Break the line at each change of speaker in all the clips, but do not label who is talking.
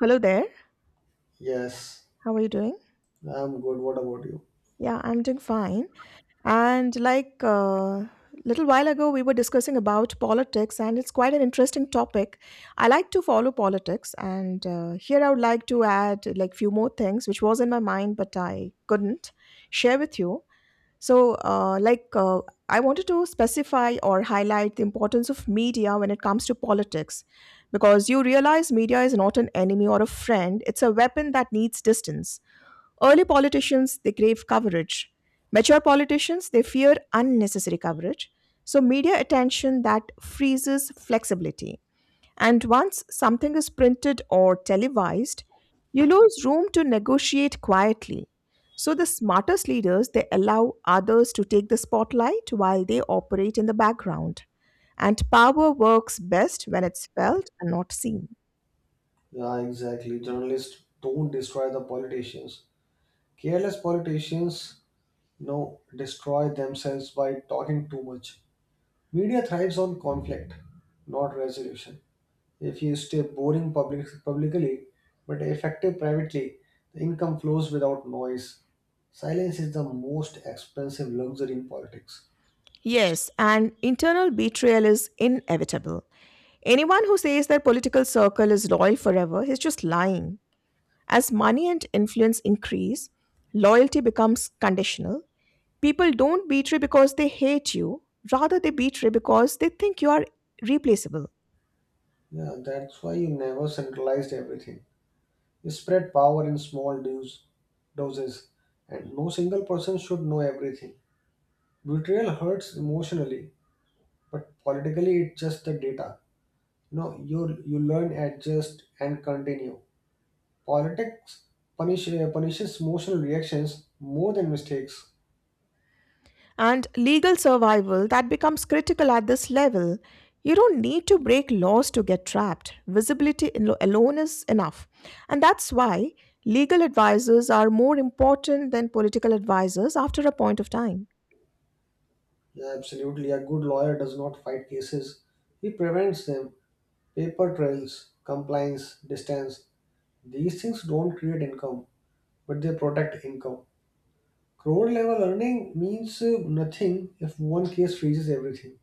Hello there.
Yes,
How are you doing?
I'm good. What about you?
Yeah, I'm doing fine. And like little while ago, we were discussing about politics, and it's quite an interesting topic. I like to follow politics, and here I would like to add like few more things which was in my mind but I couldn't share with you. So, uh, like uh, I wanted to specify or highlight the importance of media when it comes to politics, because you realize media is not an enemy or a friend; it's a weapon that needs distance. Early politicians, they crave coverage. Mature politicians, they fear unnecessary coverage. So, media attention that freezes flexibility. And once something is printed or televised, you lose room to negotiate quietly. So, the smartest leaders, they allow others to take the spotlight while they operate in the background. And power works best when it's felt and not seen.
Yeah, exactly. Journalists don't destroy the politicians. Careless politicians, no, destroy themselves by talking too much. Media thrives on conflict, not resolution. If you stay boring public, publicly but effective privately, the income flows without noise. Silence is the most expensive luxury in politics.
Yes, and internal betrayal is inevitable. Anyone who says their political circle is loyal forever is just lying. As money and influence increase, loyalty becomes conditional. People don't betray because they hate you, rather, they betray because they think you are replaceable.
Yeah, that's why you never centralized everything. You spread power in small doses, and no single person should know everything. Betrayal hurts emotionally, but politically it's just the data. No, you learn, adjust, and continue. Politics punishes emotional reactions more than mistakes.
And legal survival that becomes critical at this level. You don't need to break laws to get trapped. Visibility alone is enough. And that's why legal advisors are more important than political advisors after a point of time.
Yeah, absolutely, a good lawyer does not fight cases; he prevents them. Paper trails, compliance, distance. These things don't create income, but they protect income. Crore level earning means nothing if one case freezes everything,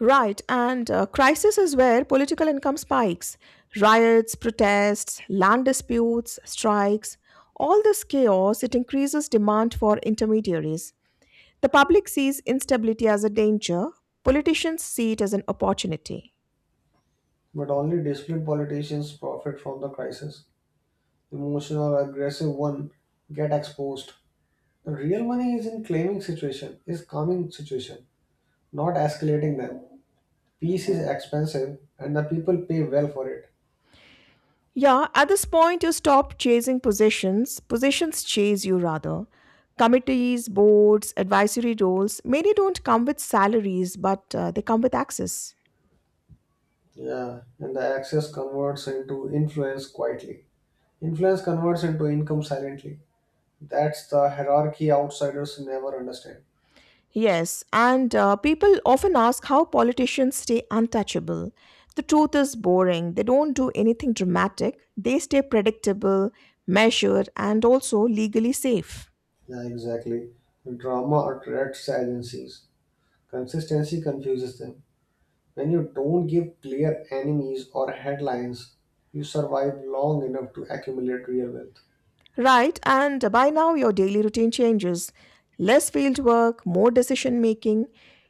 Right, and crisis is where political income spikes. Riots, protests, land disputes, strikes, all this chaos, it increases demand for intermediaries. The public sees instability as a danger, politicians see it as an opportunity.
but only disciplined politicians profit from the crisis. Emotional, aggressive one get exposed. The real money is in claiming situation, is calming situation, not escalating them. Peace is expensive, and the people pay well for it.
Yeah, at this point, you stop chasing positions, positions chase you rather. Committees, boards, advisory roles, many don't come with salaries, but they come with access.
Yeah, and the access converts into influence quietly. Influence converts into income silently. That's the hierarchy outsiders never understand.
Yes, and people often ask how politicians stay untouchable. The truth is boring. They don't do anything dramatic, they stay predictable, measured, and also legally safe.
Yeah, exactly. Drama attracts agencies. Consistency confuses them. When you don't give clear enemies or headlines, you survive long enough to accumulate real wealth.
Right, and by now your daily routine changes. Less field work, more decision making.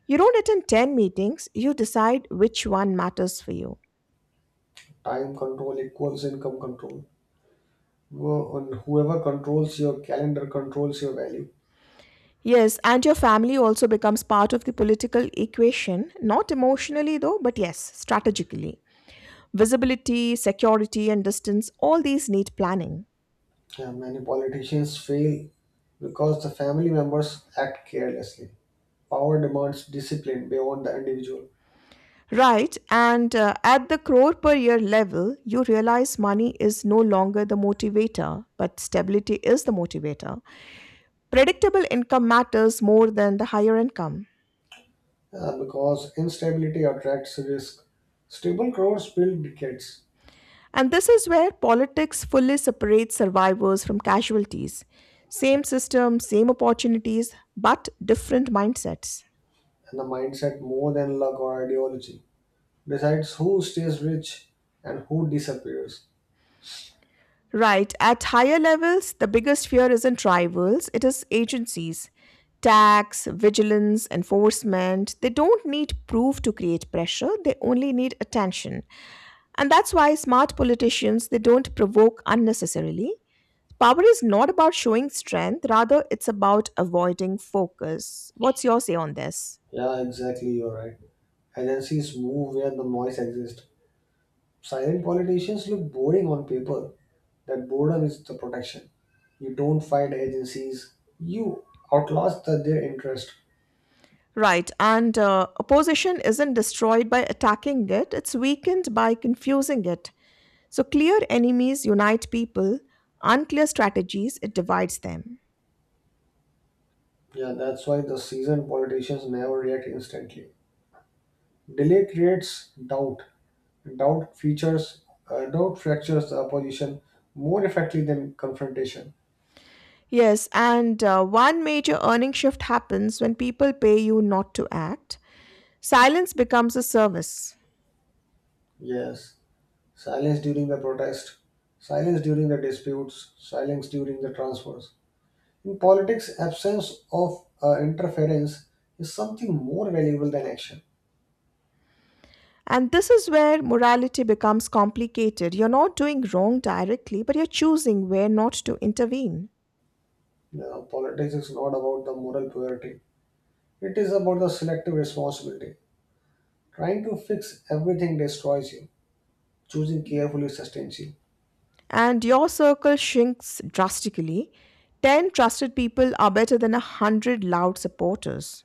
You don't attend 10 meetings, you decide which one matters for you.
Time control equals income control. Who- and Whoever controls your calendar controls your value.
Yes, and your family also becomes part of the political equation, not emotionally though, but yes, strategically. Visibility, security, and distance, all these need planning.
Yeah, many politicians fail because the family members act carelessly. Power demands discipline beyond the individual.
Right, and at the crore per year level, you realize money is no longer the motivator, but stability is the motivator. Predictable income matters more than the higher income.
Because instability attracts risk. Stable crores build decades.
And this is where politics fully separates survivors from casualties. Same system, same opportunities, but different mindsets.
And the mindset, more than luck or ideology, decides who stays rich and who disappears.
Right, at higher levels, the biggest fear isn't rivals, it is agencies. Tax, vigilance, enforcement, they don't need proof to create pressure, they only need attention. And that's why smart politicians, they don't provoke unnecessarily. Power is not about showing strength, rather, it's about avoiding focus. What's your say on this?
Yeah, exactly, you're right. Agencies move where the noise exists. Silent politicians look boring on paper. That boredom is the protection. You don't fight agencies, you their interest.
Right, and opposition isn't destroyed by attacking it, it's weakened by confusing it. So, clear enemies unite people, unclear strategies, it divides them.
Yeah, that's why the seasoned politicians never react instantly. Delay creates doubt. Doubt features, doubt fractures the opposition more effectively than confrontation.
Yes, and one major earning shift happens when people pay you not to act. Silence becomes a service.
Yes. Silence during the protest, silence during the disputes, silence during the transfers. In politics, absence of interference is something more valuable than action.
And this is where morality becomes complicated. You're not doing wrong directly, but you're choosing where not to intervene.
You politics is not about the moral purity, it is about the selective responsibility. Trying to fix everything destroys you, choosing carefully sustains you.
And your circle shrinks drastically. 10 trusted people are better than 100 loud supporters.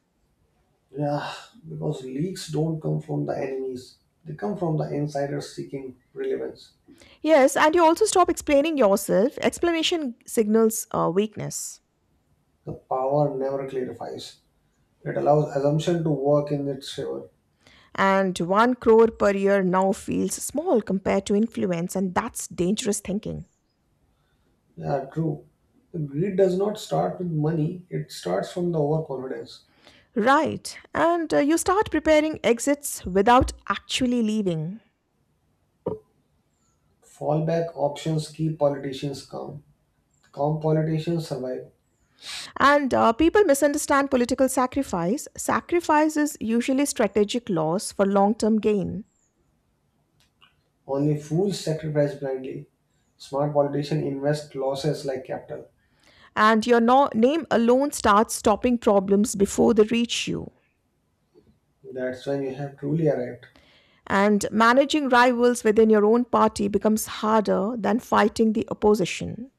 Yeah, because leaks don't come from the enemies, they come from the insiders seeking relevance.
Yes, and you also stop explaining yourself. Explanation signals weakness.
The power never clarifies. It allows assumption to work in its favor.
And 1 crore per year now feels small compared to influence, and that's dangerous thinking.
Yeah, true. The greed does not start with money, it starts from the overconfidence.
Right, and you start preparing exits without actually leaving.
Fallback options keep politicians calm. Calm politicians survive.
And people misunderstand political sacrifice. Sacrifice is usually strategic loss for long term gain.
Only fools sacrifice blindly. Smart politicians invest losses like capital.
And your name alone starts stopping problems before they reach you.
That's when you have truly arrived.
And managing rivals within your own party becomes harder than fighting the opposition.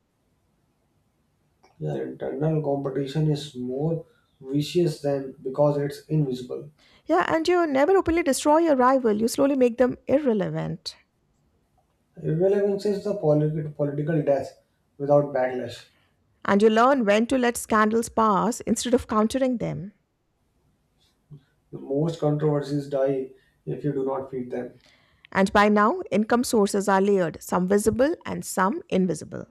Yeah, internal competition is more vicious than because it's invisible.
Yeah, and you never openly destroy your rival, you slowly make them irrelevant.
Irrelevance is the political death without backlash.
And you learn when to let scandals pass instead of countering them.
Most controversies die if you do not feed them.
And by now, income sources are layered, some visible and some invisible.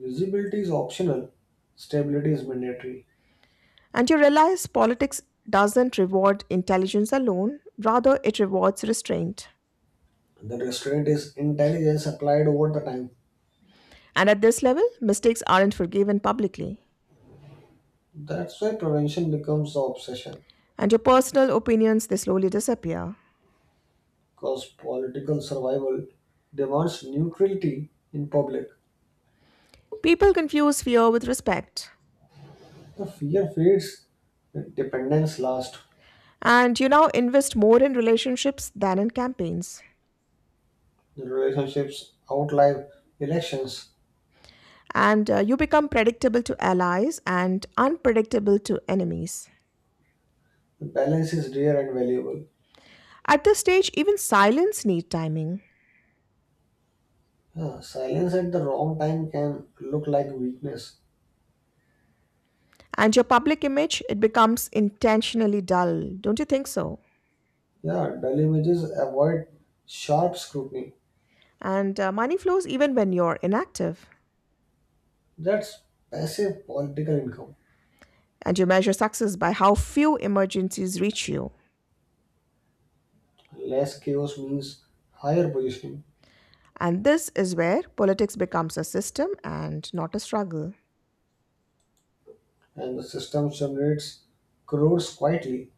Visibility is optional, stability is mandatory.
And you realize politics doesn't reward intelligence alone, rather, it rewards restraint.
The restraint is intelligence applied over the time.
And at this level, mistakes aren't forgiven publicly,
That's why prevention becomes the obsession,
and your personal opinions they slowly disappear.
because political survival demands neutrality in public.
People confuse fear with respect,
The fear fades, the dependence lasts,
and you now invest more in relationships than in campaigns.
the relationships outlive elections.
And you become predictable to allies and unpredictable to enemies.
The balance is rare and valuable.
At this stage, even silence needs timing.
Yeah, silence at the wrong time can look like weakness.
And your public image, it becomes intentionally dull. Don't you think so?
Yeah, dull images avoid sharp scrutiny.
And money flows even when you're inactive.
That's passive political income.
And you measure success by how few emergencies reach you.
Less chaos means higher positioning,
And this is where politics becomes a system and not a struggle.
and the system generates crores quietly.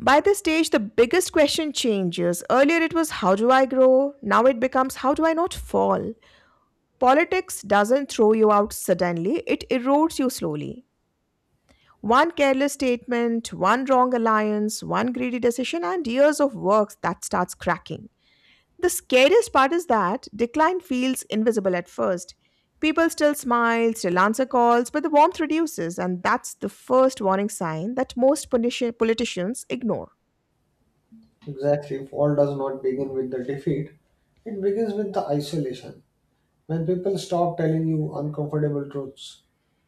By this stage, the biggest question changes. Earlier it was, how do I grow? Now it becomes, how do I not fall? Politics doesn't throw you out suddenly, it erodes you slowly. One careless statement, one wrong alliance, one greedy decision, and years of work that starts cracking. The scariest part is that decline feels invisible at first. People still smile, still answer calls, but the warmth reduces, and that's the first warning sign that most politicians ignore.
Exactly, fall does not begin with the defeat, it begins with the isolation. When people stop telling you uncomfortable truths,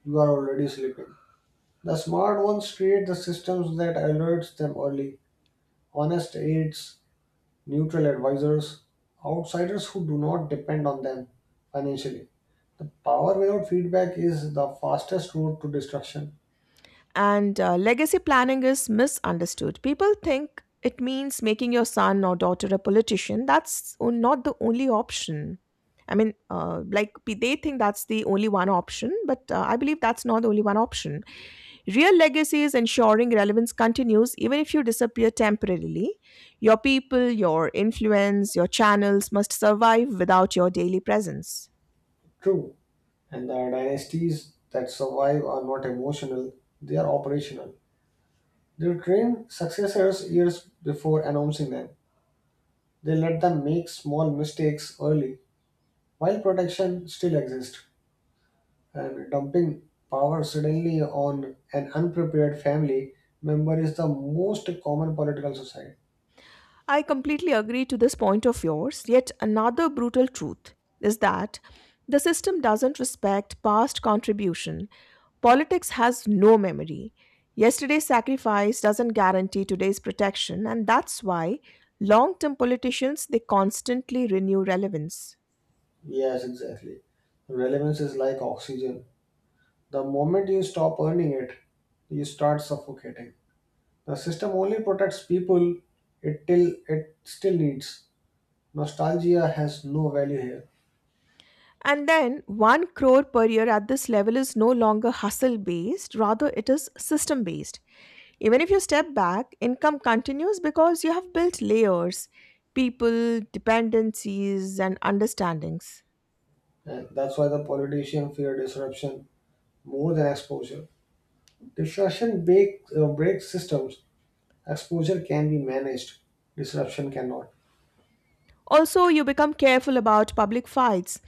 you are already sleeping. The smart ones create the systems that alerts them early. Honest aids, neutral advisors, outsiders who do not depend on them financially. The power without feedback is the fastest road to destruction.
And legacy planning is misunderstood. People think it means making your son or daughter a politician. That's not the only option. I mean, they think that's the only one option, but I believe that's not the only one option. Real legacy is ensuring relevance continues even if you disappear temporarily. Your people, your influence, your channels must survive without your daily presence.
True, and the dynasties that survive are not emotional, they are operational. They train successors years before announcing them. They let them make small mistakes early while protection still exists. And dumping power suddenly on an unprepared family member is the most common political society.
I completely agree to this point of yours. Yet another brutal truth is that the system doesn't respect past contribution. Politics has no memory. Yesterday's sacrifice doesn't guarantee today's protection, and that's why long-term politicians they constantly renew relevance.
Yes, exactly. Relevance is like oxygen. The moment you stop earning it, you start suffocating. The system only protects people it till it still needs. Nostalgia has no value here.
And then 1 crore per year at this level is no longer hustle based, rather, it is system based. Even if you step back, income continues because you have built layers, people, dependencies, and understandings.
And that's why the politician fear disruption more than exposure. Disruption breaks systems. Exposure can be managed. Disruption cannot.
Also, you become careful about public fights.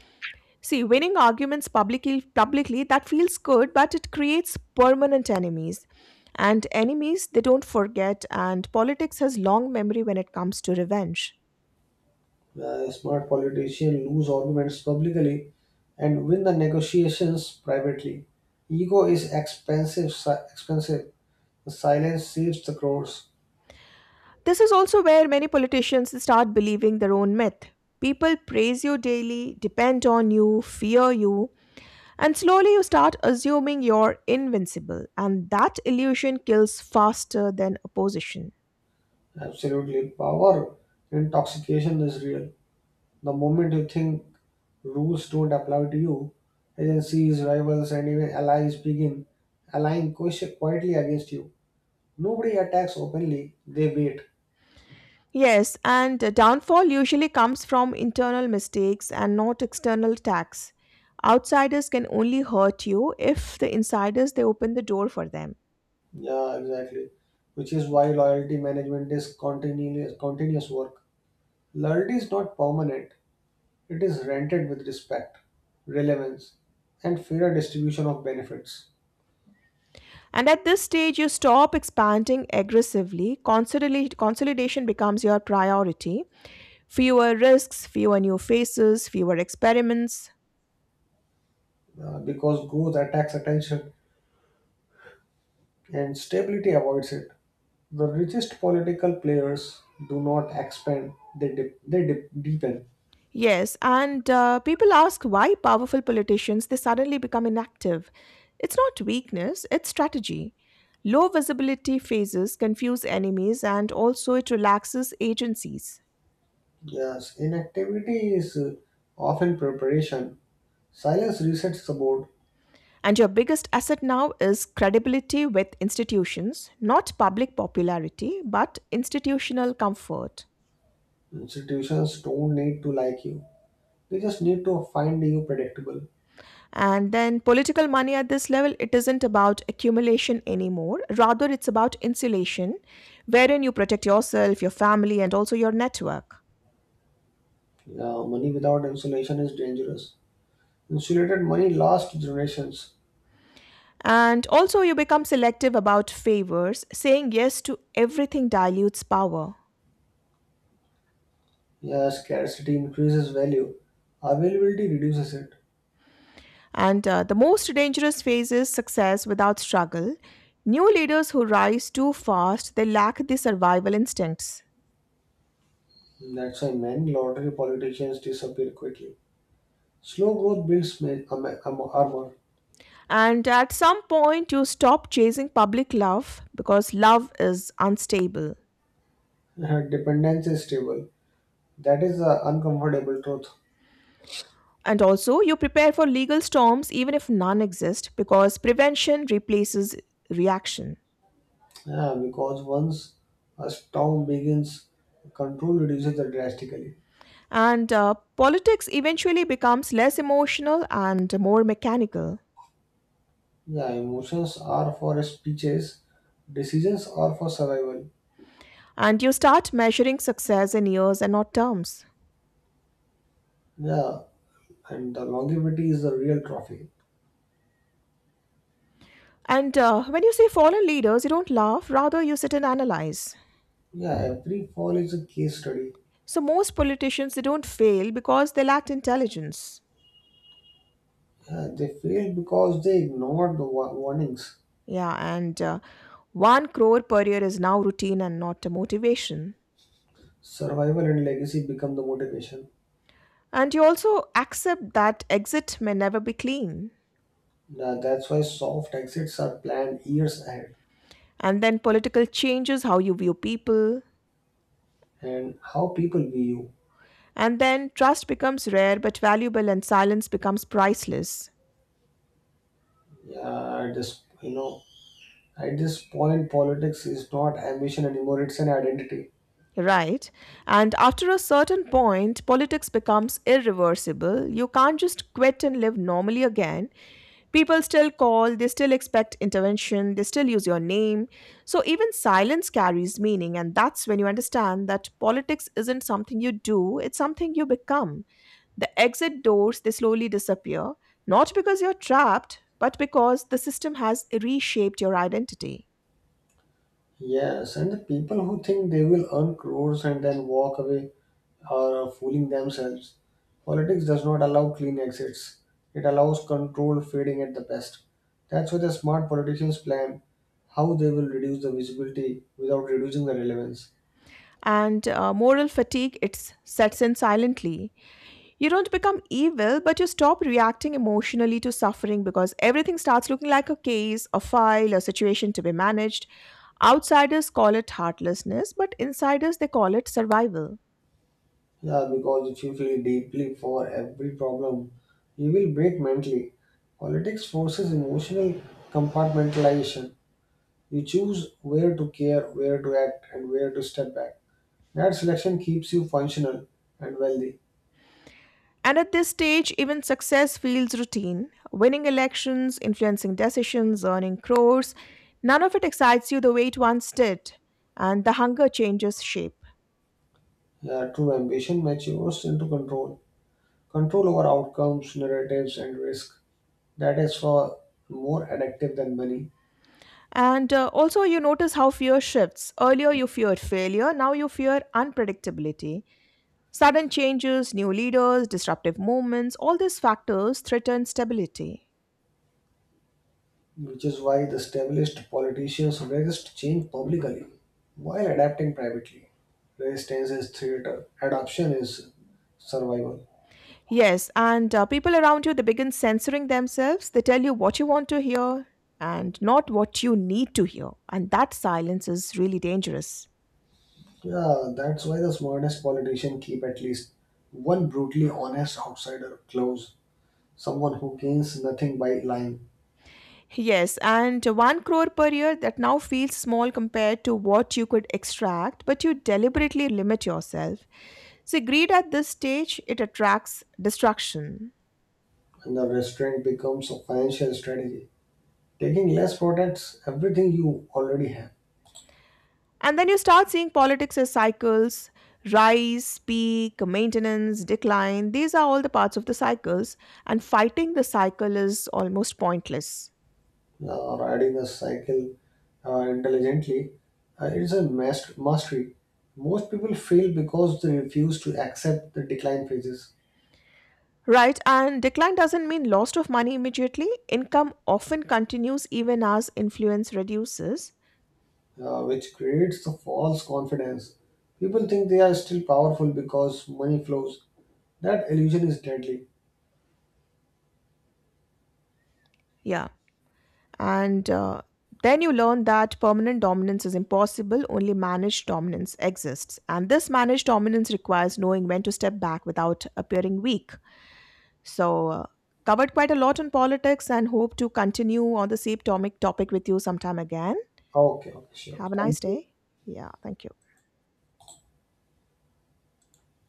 See, winning arguments publicly that feels good, but it creates permanent enemies. And enemies, they don't forget, and politics has long memory when it comes to revenge.
Smart politicians lose arguments publicly and win the negotiations privately. Ego is expensive. Expensive. Silence saves the crores.
This is also where many politicians start believing their own myth. People praise you daily, depend on you, fear you, and slowly you start assuming you're invincible, and that illusion kills faster than opposition.
Absolutely. Power intoxication is real. The moment you think rules don't apply to you, agencies, rivals, and even allies begin aligning quietly against you. Nobody attacks openly. They wait.
Yes, and the downfall usually comes from internal mistakes and not external attacks. Outsiders can only hurt you if the insiders they open the door for them.
Yeah, exactly. Which is why loyalty management is continuous work. Loyalty is not permanent, it is rented with respect, relevance, and fairer distribution of benefits.
And at this stage, you stop expanding aggressively. Consolidation becomes your priority. Fewer risks, fewer new faces, fewer experiments.
Because growth attacks attention and stability avoids it. The richest political players do not expand, they deepen.
Yes, and people ask why powerful politicians they suddenly become inactive. It's not weakness, it's strategy. Low visibility phases confuse enemies and also it relaxes agencies.
Yes, inactivity is often preparation. Silence resets the board.
And your biggest asset now is credibility with institutions, not public popularity, but institutional comfort.
Institutions don't need to like you, they just need to find you predictable.
And then political money at this level, it isn't about accumulation anymore. Rather, it's about insulation, wherein you protect yourself, your family, and also your network.
Yeah, money without insulation is dangerous. Insulated money lasts generations.
And also, you become selective about favors. Saying yes to everything dilutes power.
Yeah, scarcity increases value. Availability reduces it.
And the most dangerous phase is success without struggle. New leaders who rise too fast, they lack the survival instincts.
That's why many lottery politicians disappear quickly. Slow growth builds armor.
And at some point, you stop chasing public love because love is unstable.
Dependence is stable. That is the uncomfortable truth.
And also, you prepare for legal storms even if none exist because prevention replaces reaction.
Yeah, because once a storm begins, control reduces drastically.
And politics eventually becomes less emotional and more mechanical.
Yeah, emotions are for speeches, decisions are for survival.
And you start measuring success in years and not terms.
Yeah, and the longevity is the real trophy.
And when you see fallen leaders, you don't laugh, rather, you sit and analyze.
Yeah, every fall is a case study.
So, most politicians, they don't fail because they lacked intelligence.
Yeah, they failed because they ignored the warnings.
Yeah, and one crore per year is now routine and not a motivation.
Survival and legacy become the motivation.
And you also accept that exit may never be clean.
Yeah, that's why soft exits are planned years ahead,
And then political changes how you view people.
and how people view you.
And then trust becomes rare but valuable and silence becomes priceless.
Yeah, at this, at this point, politics is not ambition anymore; it's an identity.
Right. And after a certain point, politics becomes irreversible. You can't just quit and live normally again. People still call, they still expect intervention, they still use your name. So even silence carries meaning. And that's when you understand that politics isn't something you do, it's something you become. The exit doors, they slowly disappear, not because you're trapped, but because the system has reshaped your identity.
Yes, and the people who think they will earn crores and then walk away are fooling themselves. Politics does not allow clean exits, it allows control fading at the best. That's why the smart politicians plan how they will reduce the visibility without reducing the relevance.
And moral fatigue it sets in silently. You don't become evil, but you stop reacting emotionally to suffering because everything starts looking like a case, a file, a situation to be managed. Outsiders call it heartlessness, but insiders they call it survival.
Yeah, because if you feel deeply for every problem, you will break mentally. Politics forces emotional compartmentalization. You choose where to care, where to act, and where to step back. That selection keeps you functional and wealthy.
And at this stage, even success feels routine. Winning elections, influencing decisions, earning crores, none of it excites you the way it once did. And the hunger changes shape.
True ambition matures into control, control over outcomes, narratives, and risk. That is far more addictive than money,
And also, you notice how fear shifts. Earlier, you feared failure, now you fear unpredictability. Sudden changes, new leaders, disruptive movements, all these factors threaten stability.
which is why the established politicians resist change publicly while adapting privately. Resistance is theater, adoption is survival.
Yes, and people around you, they begin censoring themselves. They tell you what you want to hear and not what you need to hear. And that silence is really dangerous.
Yeah, that's why the smartest politicians keep at least one brutally honest outsider close, someone who gains nothing by lying,
Yes, and one crore per year that now feels small compared to what you could extract, but you deliberately limit yourself. So, greed at this stage, it attracts destruction.
and the restraint becomes a financial strategy. Taking less protects everything you already have.
And then you start seeing politics as cycles rise, peak, maintenance, decline. These are all the parts of the cycles, and fighting the cycle is almost pointless.
Riding a cycle, intelligently, is a mastery. Most people fail because they refuse to accept the decline phases,
Right, and decline doesn't mean loss of money immediately. Income often continues even as influence reduces.
which creates the false confidence. People think they are still powerful because money flows. That illusion is deadly.
Yeah, and then you learn that permanent dominance is impossible, only managed dominance exists. And this managed dominance requires knowing when to step back without appearing weak. So, covered quite a lot on politics and hope to continue on the same tomic topic with you sometime again.
Okay, okay, sure.
Have a
Thank
nice
you.
day. Yeah, thank you.